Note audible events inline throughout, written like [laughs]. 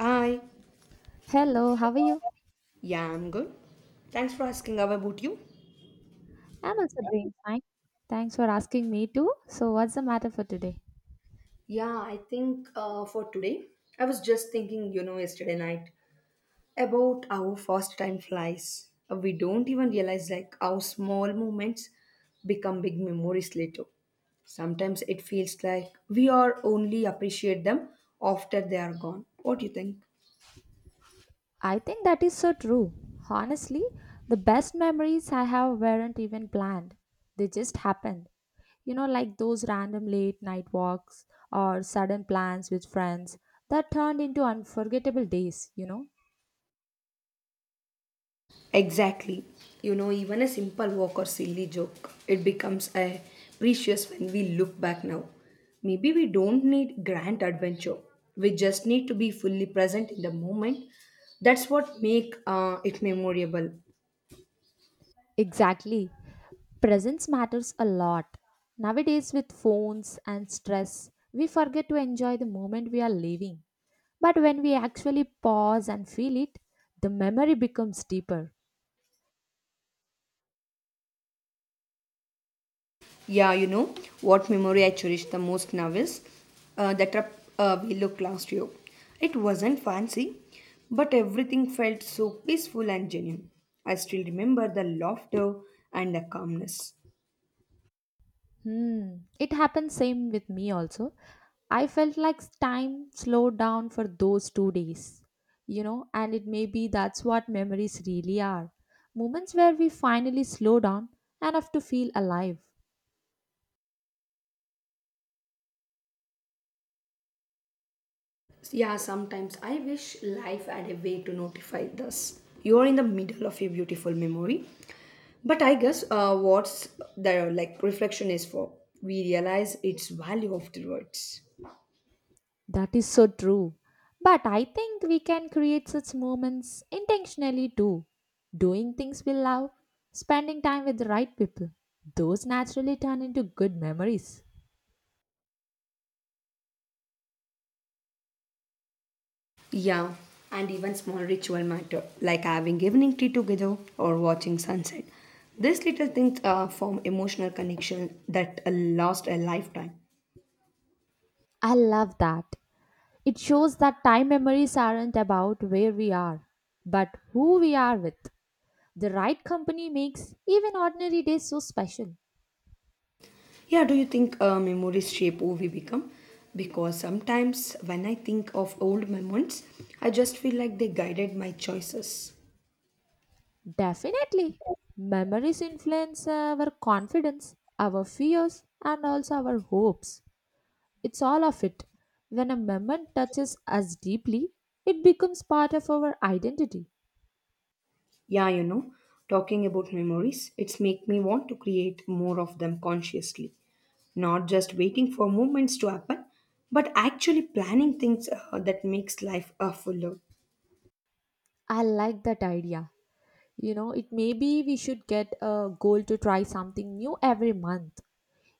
Hi. Hello, how are you? Yeah, I'm good. Thanks for asking. How about you? I'm also doing fine. Thanks for asking me too. So, what's the matter for today? Yeah, I think for today, I was just thinking, yesterday night about how fast time flies. We don't even realize like how small moments become big memories later. Sometimes it feels like we are only appreciate them after they are gone. What do you think? I think that is so true. Honestly, the best memories I have weren't even planned, they just happened. You know, like those random late night walks or sudden plans with friends that turned into unforgettable days, you know? Exactly. Even a simple walk or silly joke, it becomes a precious when we look back now. Maybe we don't need grand adventure. We just need to be fully present in the moment. That's what make it memorable. Exactly. Presence matters a lot. Nowadays, with phones and stress, we forget to enjoy the moment we are living. But when we actually pause and feel it, the memory becomes deeper. Yeah, you know what memory I cherish the most now is the trip we looked last year. It wasn't fancy, but everything felt so peaceful and genuine. I still remember the laughter and the calmness. Hmm. It happened same with me also. I felt like time slowed down for those 2 days. You know, and it may be that's what memories really are. Moments where we finally slow down enough to feel alive. Yeah, sometimes I wish life had a way to notify us. You're in the middle of a beautiful memory. But I guess what's the like reflection is for we realize its value afterwards. That is so true. But I think we can create such moments intentionally too. Doing things we love, spending time with the right people, those naturally turn into good memories. Yeah, and even small ritual matter like having evening tea together or watching sunset. These little things form emotional connection that last a lifetime. I love that. It shows that time memories aren't about where we are, but who we are with. The right company makes even ordinary days so special. Yeah, do you think memories shape who we become? Because sometimes when I think of old moments, I just feel like they guided my choices. Definitely. Memories influence our confidence, our fears, and also our hopes. It's all of it. When a moment touches us deeply, it becomes part of our identity. Yeah, talking about memories, it's make me want to create more of them consciously, not just waiting for moments to happen, but actually planning things that makes life fuller. I like that idea. You know, it maybe we should get a goal to try something new every month.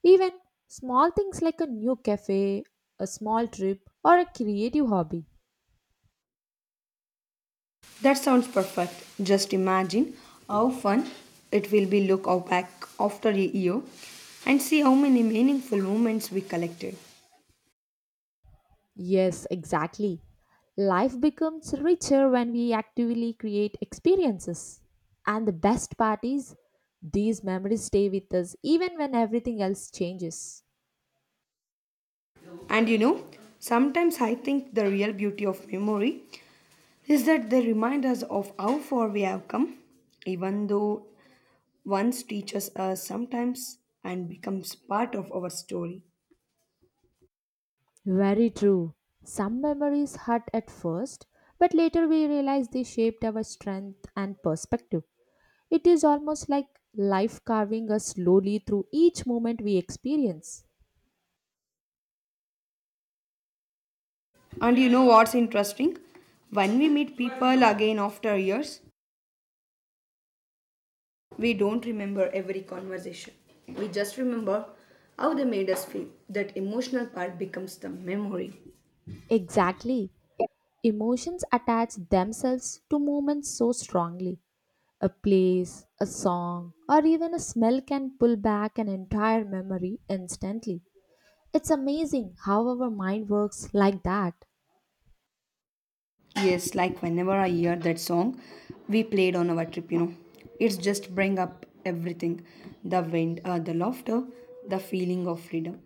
Even small things like a new cafe, a small trip, or a creative hobby. That sounds perfect. Just imagine how fun it will be look out back after a year and see how many meaningful moments we collected. Yes, exactly. Life becomes richer when we actively create experiences. And the best part is, these memories stay with us even when everything else changes. And sometimes I think the real beauty of memory is that they remind us of how far we have come, even though once teaches us sometimes and becomes part of our story. Very true. Some memories hurt at first, but later we realize they shaped our strength and perspective. It is almost like life carving us slowly through each moment we experience. And you know what's interesting? When we meet people again after years, we don't remember every conversation. We just remember how they made us feel. That emotional part becomes the memory. Exactly. Emotions attach themselves to moments so strongly. A place, a song, or even a smell can pull back an entire memory instantly. It's amazing how our mind works like that. Yes, like whenever I hear that song we played on our trip. It's just bring up everything. The wind, the laughter, the feeling of freedom.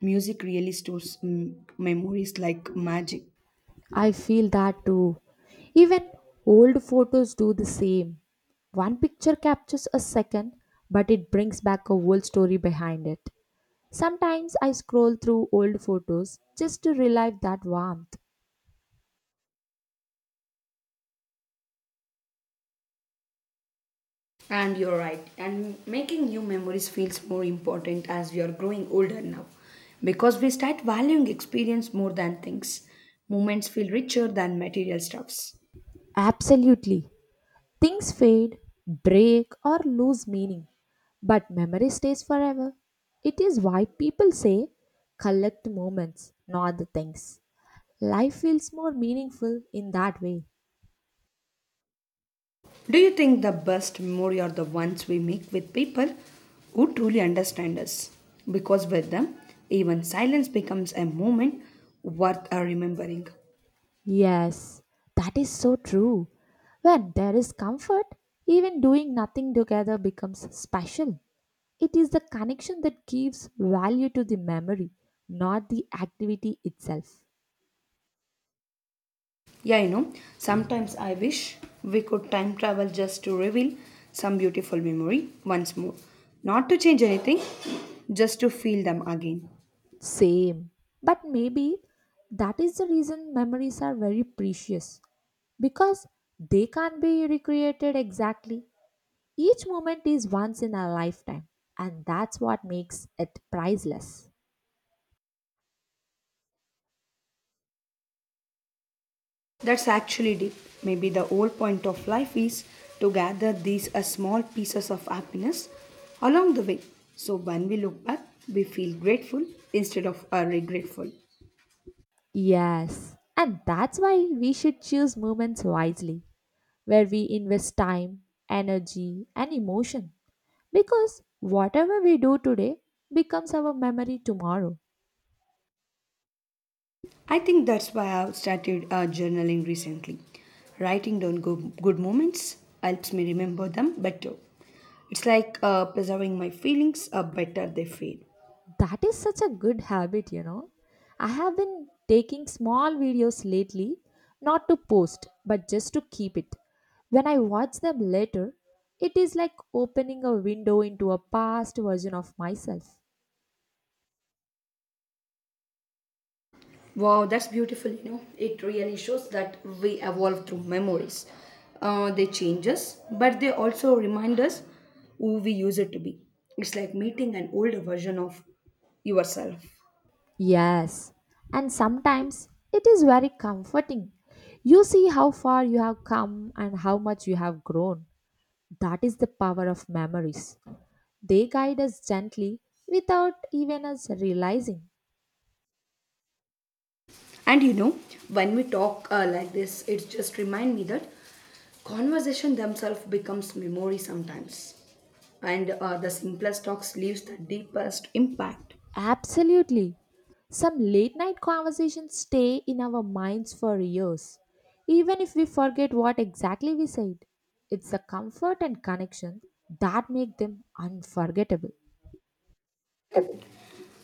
Music really stores memories like magic. I feel that too. Even old photos do the same. One picture captures a second, but it brings back a whole story behind it. Sometimes I scroll through old photos just to relive that warmth. And you're right. And making new memories feels more important as we are growing older now. Because we start valuing experience more than things. Moments feel richer than material stuffs. Absolutely. Things fade, break, or lose meaning, but memory stays forever. It is why people say collect moments, not the things. Life feels more meaningful in that way. Do you think the best memory are the ones we make with people who truly understand us? Because with them, even silence becomes a moment worth remembering. Yes, that is so true. When there is comfort, even doing nothing together becomes special. It is the connection that gives value to the memory, not the activity itself. Yeah, sometimes I wish we could time travel just to reveal some beautiful memory once more. Not to change anything, just to feel them again. Same. But maybe that is the reason memories are very precious because they can't be recreated exactly. Each moment is once in a lifetime, and that's what makes it priceless. That's actually deep. Maybe the whole point of life is to gather these small pieces of happiness along the way. So when we look back, we feel grateful instead of regretful. Yes, and that's why we should choose moments wisely, where we invest time, energy, and emotion. Because whatever we do today becomes our memory tomorrow. I think that's why I've started journaling recently. Writing down good moments helps me remember them better. It's like preserving my feelings better they fade. That is such a good habit, you know. I have been taking small videos lately, not to post, but just to keep it. When I watch them later, it is like opening a window into a past version of myself. Wow, that's beautiful. It really shows that we evolve through memories. They change us, but they also remind us who we used to be. It's like meeting an older version of yourself. Yes, and sometimes it is very comforting. You see how far you have come and how much you have grown. That is the power of memories. They guide us gently without even us realizing. And when we talk like this, it just remind me that conversation themselves becomes memory sometimes. And the simplest talks leaves the deepest impact. Absolutely. Some late night conversations stay in our minds for years, even if we forget what exactly we said. It's the comfort and connection that make them unforgettable.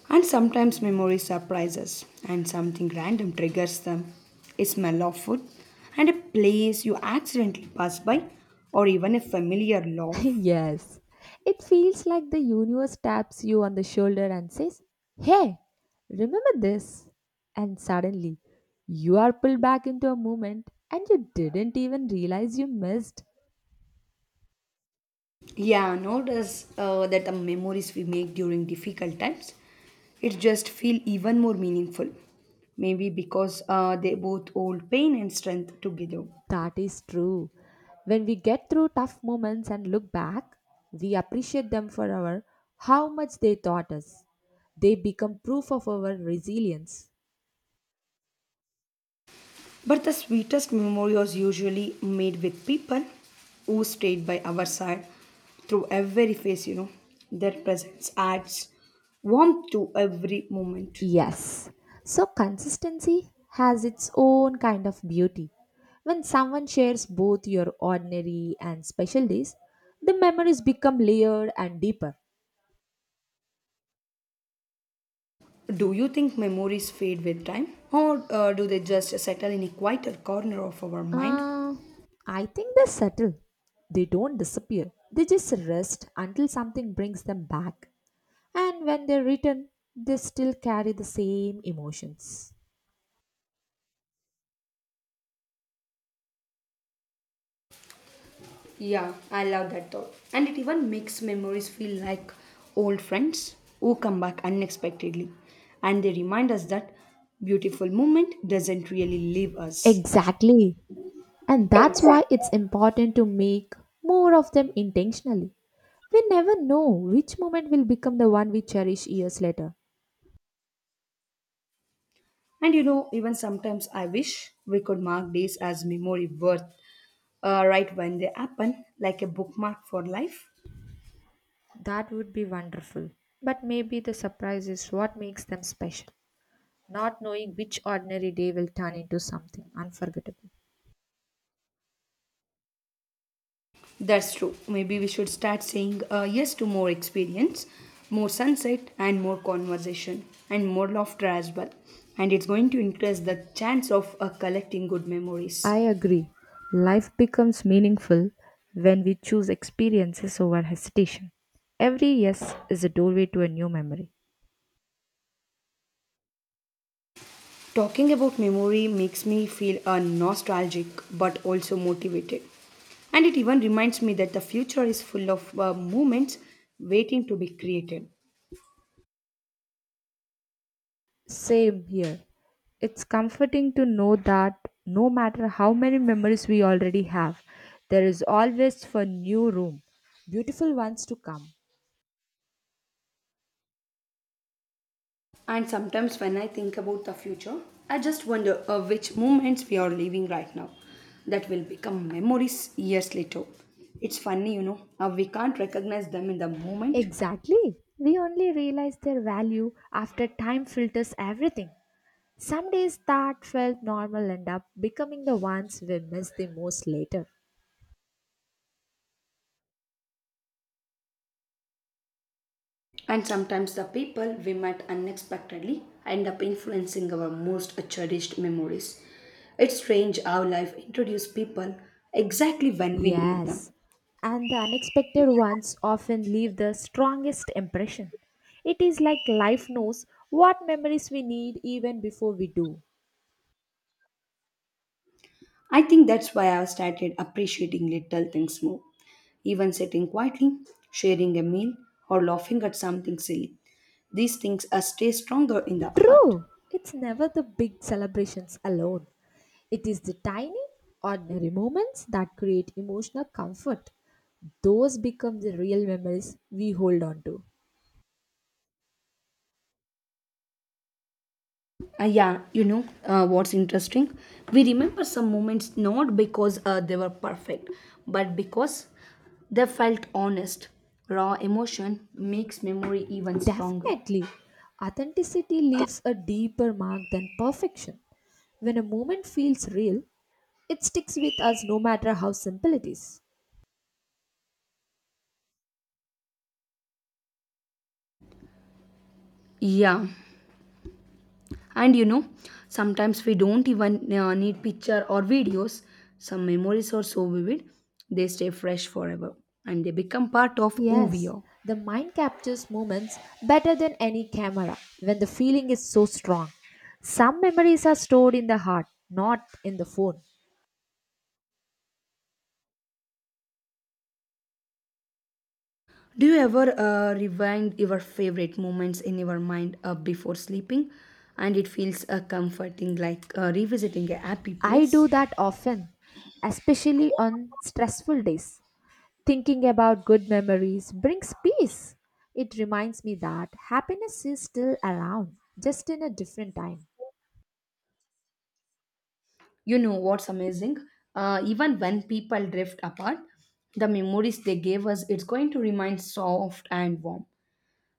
And sometimes memory surprises and something random triggers them. A smell of food and a place you accidentally pass by or even a familiar [laughs] laugh. Yes. It feels like the universe taps you on the shoulder and says, "Hey, remember this?" And suddenly, you are pulled back into a moment and you didn't even realize you missed. Yeah, notice that the memories we make during difficult times, it just feel even more meaningful. Maybe because they both hold pain and strength together. That is true. When we get through tough moments and look back, we appreciate them for our how much they taught us. They become proof of our resilience. But the sweetest memory was usually made with people who stayed by our side through every phase. Their presence adds warmth to every moment. Yes. So consistency has its own kind of beauty. When someone shares both your ordinary and special days, the memories become layered and deeper. Do you think memories fade with time, or do they just settle in a quieter corner of our mind? Uh, I think they settle. They don't disappear. They just rest until something brings them back. And when they return, they still carry the same emotions. Yeah, I love that thought. And it even makes memories feel like old friends who come back unexpectedly. And they remind us that beautiful moment doesn't really leave us. Exactly. And that's why it's important to make more of them intentionally. We never know which moment will become the one we cherish years later. And even sometimes I wish we could mark days as memory worth right when they happen, like a bookmark for life. That would be wonderful. But maybe the surprise is what makes them special, not knowing which ordinary day will turn into something unforgettable. That's true. Maybe we should start saying yes to more experience, more sunset, and more conversation, and more laughter as well. And it's going to increase the chance of collecting good I memories. agree. Life becomes meaningful when we choose experiences over hesitation. Every yes is a doorway to a new memory. Talking about memory makes me feel nostalgic but also motivated. And it even reminds me that the future is full of moments waiting to be created. Same here. It's comforting to know that no matter how many memories we already have, there is always for new room, beautiful ones to come. And sometimes when I think about the future, I just wonder which moments we are living right now that will become memories years later. It's funny, how we can't recognize them in the moment. Exactly. We only realize their value after time filters everything. Some days that felt normal end up becoming the ones we miss the most later. And sometimes the people we met unexpectedly end up influencing our most cherished memories. It's strange how life introduces people exactly when we need them. Yes, and the unexpected ones often leave the strongest impression. It is like life knows what memories we need even before we do. I think that's why I've started appreciating little things more. Even sitting quietly, sharing a meal, or laughing at something silly. These things stay stronger in the heart. True, it's never the big celebrations alone. It is the tiny, ordinary moments that create emotional comfort. Those become the real memories we hold on to. Yeah, you know what's interesting? We remember some moments not because they were perfect, but because they felt honest. Raw emotion makes memory even stronger. Definitely, authenticity leaves a deeper mark than perfection. When a moment feels real, it sticks with us no matter how simple it is. Yeah, and sometimes we don't even need picture or videos. Some memories are so vivid, they stay fresh forever and they become part of who we Yes, are. the mind captures moments better than any camera when the feeling is so strong. Some memories are stored in the heart, not in the phone. Do you ever rewind your favorite moments in your mind before sleeping? And it feels comforting like revisiting a happy I do place. that often, especially on stressful days. Thinking about good memories brings peace. It reminds me that happiness is still around, just in a different time. You know what's amazing? Even when people drift apart, the memories they gave us, it's going to remain soft and warm.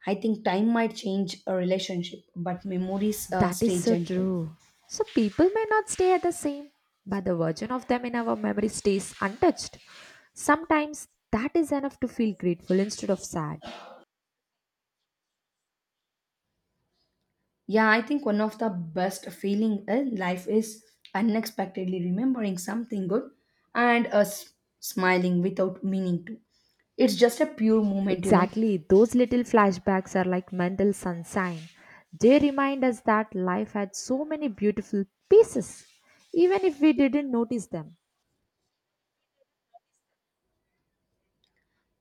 I think time might change a relationship, but memories That is stay so gentle. true. So people may not stay at the same, but the version of them in our memory stays untouched. Sometimes that is enough to feel grateful instead of sad. Yeah, I think one of the best feeling in life is unexpectedly remembering something good and us smiling without meaning to. It's just a pure moment. Exactly, those little flashbacks are like mental sunshine. They remind us that life had so many beautiful pieces, even if we didn't notice them.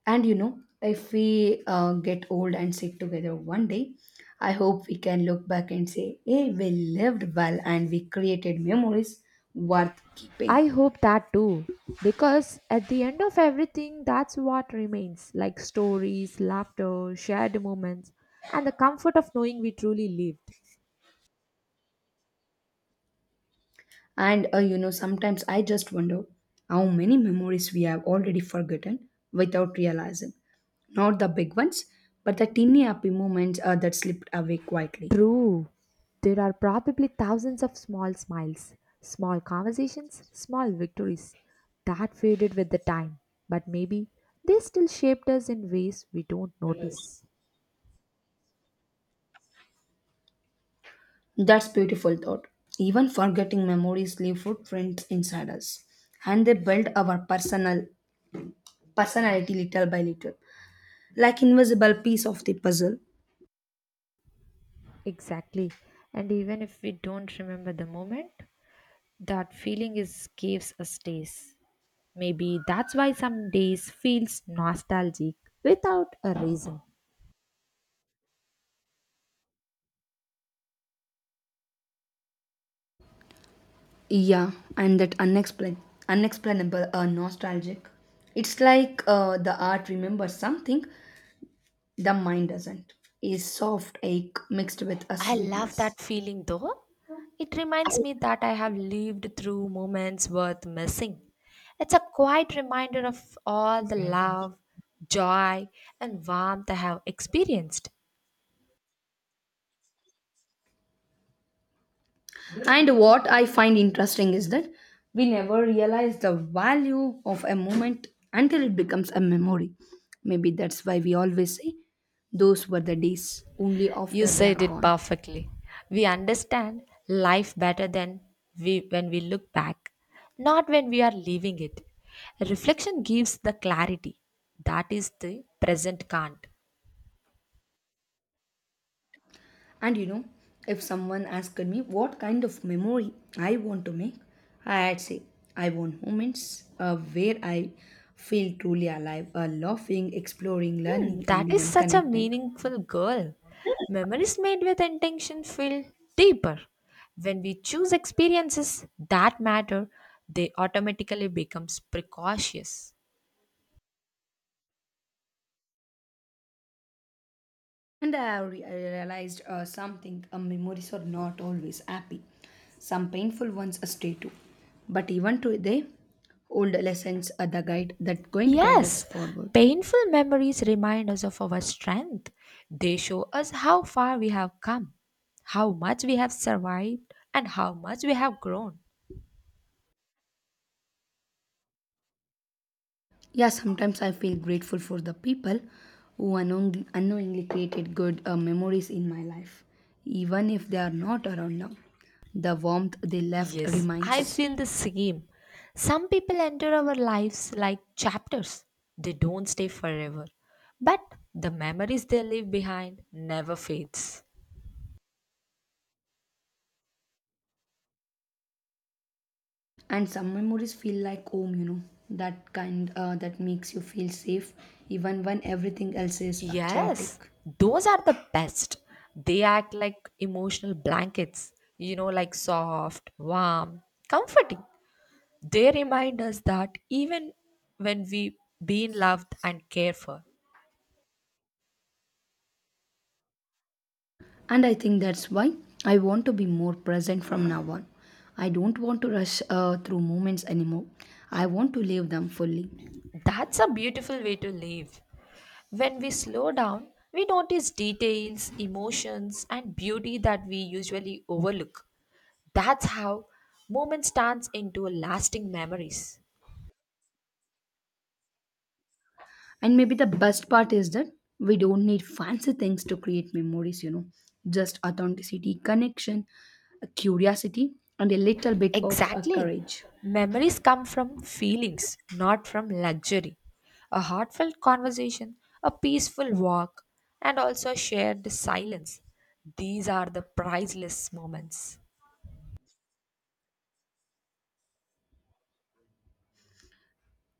And if we get old and sit together one day, I hope we can look back and say, "Hey, we lived well and we created memories worth keeping." I hope that too. Because at the end of everything, that's what remains like stories, laughter, shared moments, and the comfort of knowing we truly lived. And sometimes I just wonder how many memories we have already forgotten without realizing. Not the big ones, but the teeny happy moments that slipped away quietly. True. There are probably thousands of small smiles, small conversations, small victories that faded with the time, but maybe they still shaped us in ways we don't notice. That's beautiful thought. Even forgetting memories leave footprints inside us, and they build our personality little by little, like invisible piece of the puzzle. Exactly. And even if we don't remember the moment, that feeling is gives us days. Maybe that's why some days feels nostalgic without a reason. Yeah, and that unexplainable nostalgic. It's like the art remembers something the mind doesn't. Is soft ache mixed with a I love sweetness. that feeling though. It reminds me that I have lived through moments worth missing. It's a quiet reminder of all the love, joy, and warmth I have experienced. And what I find interesting is that we never realize the value of a moment until it becomes a memory. Maybe that's why we always say those were the days only You after they are said it gone. perfectly. We understand life better than we when we look back, not when we are leaving it. Reflection gives the clarity that is the present can't. And if someone asked me what kind of memory I want to make, I'd say I want moments where I feel truly alive, laughing, exploring, Hmm, learning, that and is even such a connecting. meaningful goal. Memories made with intention feel deeper. When we choose experiences that matter, they automatically becomes precautious. And I realized something memories are not always happy. Some painful ones stay too. But even today, old lessons are the guide that going to guide us Yes, forward. painful memories remind us of our strength. They show us how far we have come, how much we have survived, and how much we have grown. Yeah, sometimes I feel grateful for the people who unknowingly created good memories in my life, even if they are not around now. The warmth they left Yes, I remains. feel the same. Some people enter our lives like chapters, they don't stay forever, but the memories they leave behind never fades. And some memories feel like home, that kind that makes you feel safe even when everything else is Yes, chaotic. those are the best. They act like emotional blankets, you know, like soft, warm, comforting. They remind us that even when we been loved and cared for, And I think that's why I want to be more present from now on. I don't want to rush through moments anymore. I want to live them fully. that's a beautiful way to live. When we slow down, we notice details, emotions, and beauty that we usually overlook. That's how movement turns into lasting memories. And maybe the best part is that we don't need fancy things to create memories, just authenticity, connection, curiosity, and a little bit of Exactly. courage. Memories come from feelings, not from luxury. A heartfelt conversation, a peaceful walk, and also shared silence. These are the priceless moments.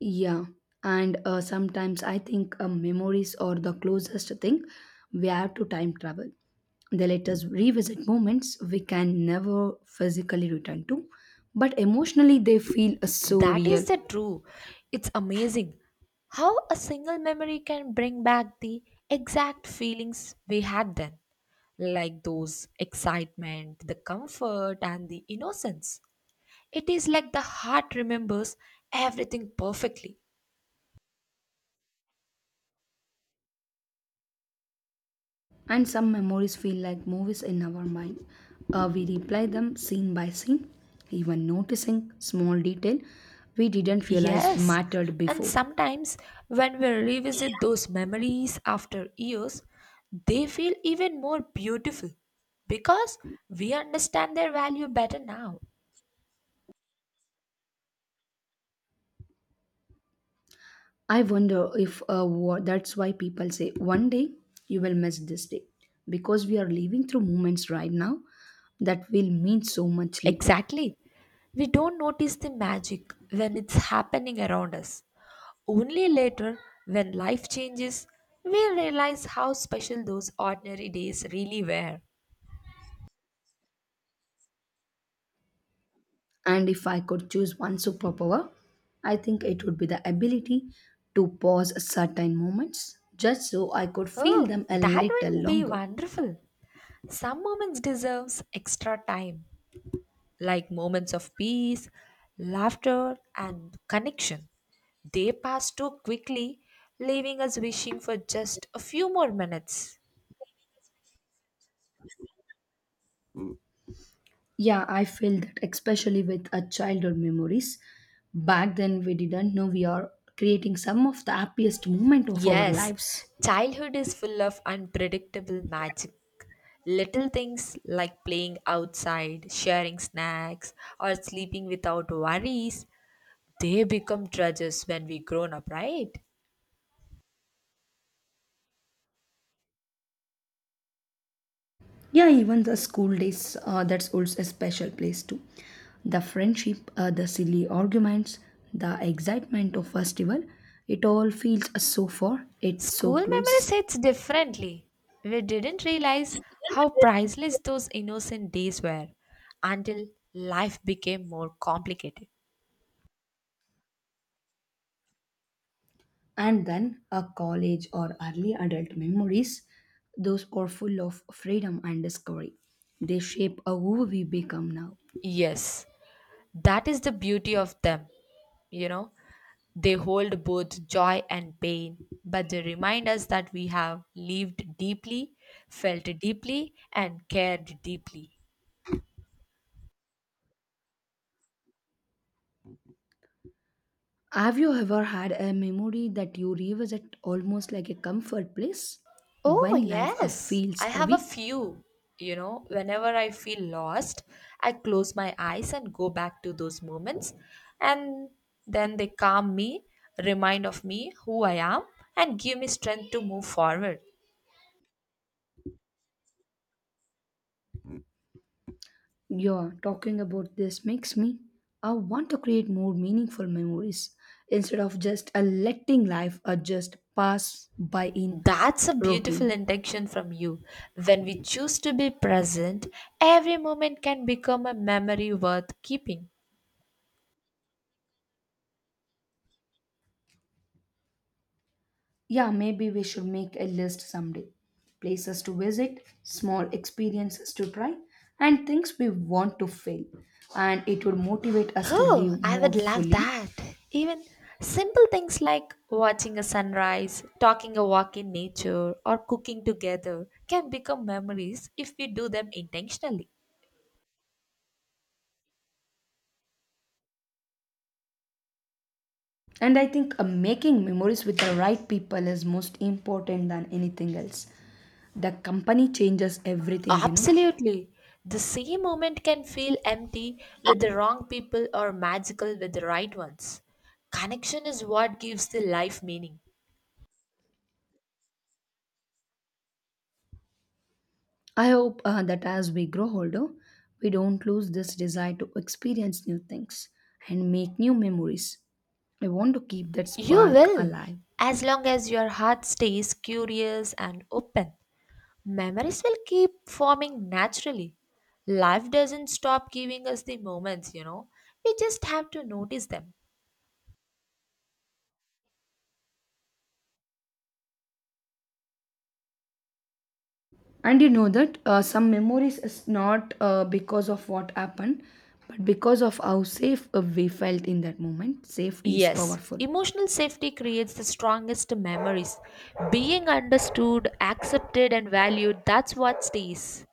Yeah, and sometimes I think memories are the closest thing we have to time travel. They let us revisit moments we can never physically return to, but emotionally they feel so That is real. the true. It's amazing how a single memory can bring back the exact feelings we had then, like those excitement, the comfort, and the innocence. It is like the heart remembers everything perfectly. And some memories feel like movies in our mind. We replay them scene by scene, even noticing small detail we didn't realize Yes, mattered and before. sometimes when we revisit those memories after years, they feel even more beautiful because we understand their value better now. I wonder if that's why people say one day you will miss this day because we are living through moments right now that will mean so much later. Exactly. We don't notice the magic when it's happening around us. Only later, when life changes, we realize how special those ordinary days really were. And if I could choose one superpower, I think it would be the ability to pause certain moments just so I could feel Oh, them a that little would be longer. wonderful. Some moments deserves extra time like moments of peace, laughter, and connection. They pass too quickly, leaving us wishing for just a few more minutes. Yeah, I feel that, especially with our childhood memories. Back then, we didn't know we are creating some of the happiest moment of our Yes, lives. childhood is full of unpredictable magic. Little things like playing outside, sharing snacks, or sleeping without worries, they become treasures when we grown up, right? Yeah, even the school days, that's also a special place too. The friendship, the silly arguments, the excitement of festival, it all feels so far, it's so School memories close. hits differently. We didn't realize how priceless those innocent days were until life became more complicated. And then a college or early adult memories, those are full of freedom and discovery. They shape who we become now. Yes, that is the beauty of them. You know, they hold both joy and pain, but they remind us that we have lived deeply, felt deeply, and cared deeply. Have you ever had a memory that you revisit almost like a comfort place Oh, when life yes. I feels have a heavy? few. You know, whenever I feel lost, I close my eyes and go back to those moments. And then they calm me, remind of me who I am, and give me strength to move forward. Yeah, talking about this makes me I want to create more meaningful memories instead of just letting life just pass by in That's a beautiful routine. intention from you. When we choose to be present, every moment can become a memory worth keeping. Yeah, maybe we should make a list someday. Places to visit, small experiences to try, and things we want to fail. And it would motivate us to Oh, live I would more love fully. that. Even simple things like watching a sunrise, talking a walk in nature, or cooking together can become memories if we do them intentionally. And I think making memories with the right people is most important than anything else. The company changes everything. Absolutely. The same moment can feel empty with the wrong people or magical with the right ones. Connection is what gives the life meaning. I hope that as we grow older, we don't lose this desire to experience new things and make new memories. I want to keep that You spark will, alive. as long as your heart stays curious and open. Memories will keep forming naturally. Life doesn't stop giving us the moments, you know. We just have to notice them. And you know that some memories is not because of what happened, but because of how safe we felt in that moment. Safety is Yes, powerful. emotional safety creates the strongest memories. Being understood, accepted, and valued, that's what stays.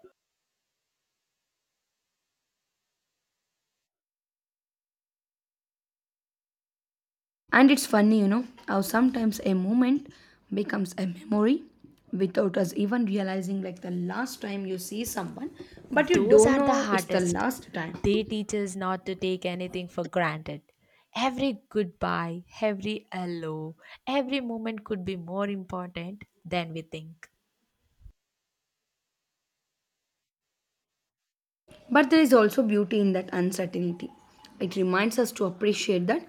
And it's funny, how sometimes a moment becomes a memory without us even realizing, like the last time you see someone, but you Those don't are the know it's the hardest. last time. They teach us not to take anything for granted. Every goodbye, every hello, every moment could be more important than we think. But there is also beauty in that uncertainty. It reminds us to appreciate that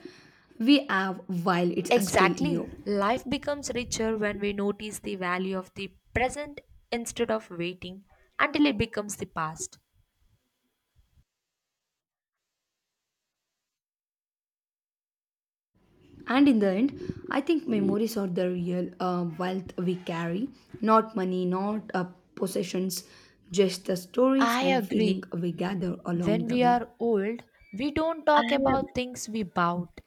we have while it's still Exactly. here. Life becomes richer when we notice the value of the present instead of waiting until it becomes the past. And in the end, I think memories are the real wealth we carry, not money, not possessions, just the stories I and feeling agree. we gather When along the we way. are old, we don't I talk about agree. things we bought.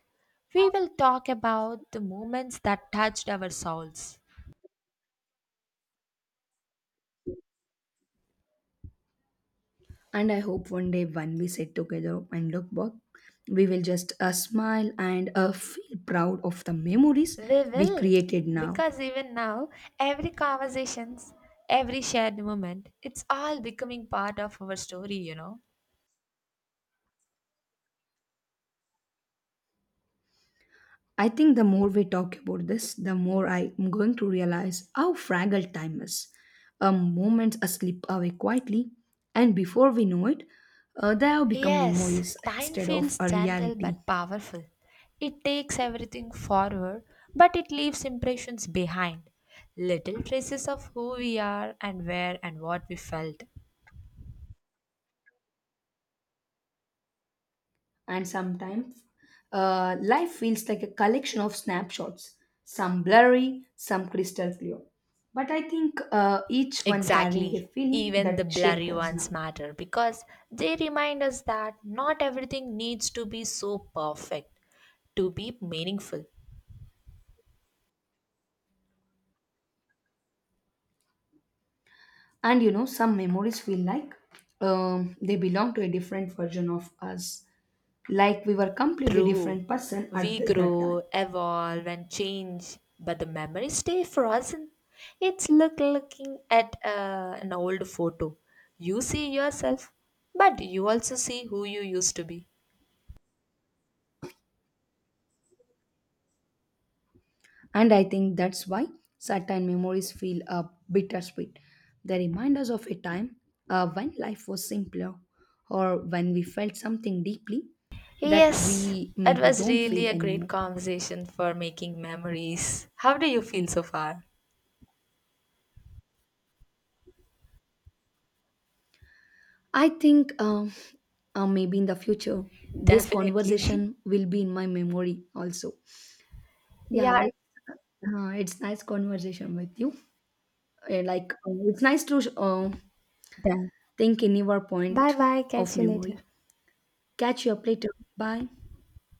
We will talk about the moments that touched our souls. And I hope one day when we sit together and look back, we will just smile and feel proud of the memories We we will. created now. Because even now, every conversations, every shared moment, it's all becoming part of our story, you know. I think the more we talk about this, the more I'm going to realize how fragile time is. A moment slip away quietly, and before we know it, they have become Yes, memories time instead of feels a gentle reality. but powerful. It takes everything forward, but it leaves impressions behind. Little traces of who we are and where and what we felt. And sometimes life feels like a collection of snapshots, some blurry, some crystal clear. But I think each one carrying a Exactly. feeling Even the that shaped blurry us ones now. matter because they remind us that not everything needs to be so perfect to be meaningful. And some memories feel like they belong to a different version of us. Like we were completely True. different person at We that time. grow, evolve, and change, but the memories stay frozen. It's like looking at an old photo. You see yourself, but you also see who you used to be. And I think that's why certain memories feel bittersweet. They remind us of a time when life was simpler or when we felt something deeply that Yes, we it maybe was don't feel really a great anymore. conversation for making memories. How do you feel so far? I think maybe in the future this Definitely. conversation [laughs] will be in my memory also. Yeah. Yeah, it's nice conversation with you. Like it's nice to Done. Thank any your Bye point bye. of Catch you later. memory. Catch you up later. Bye.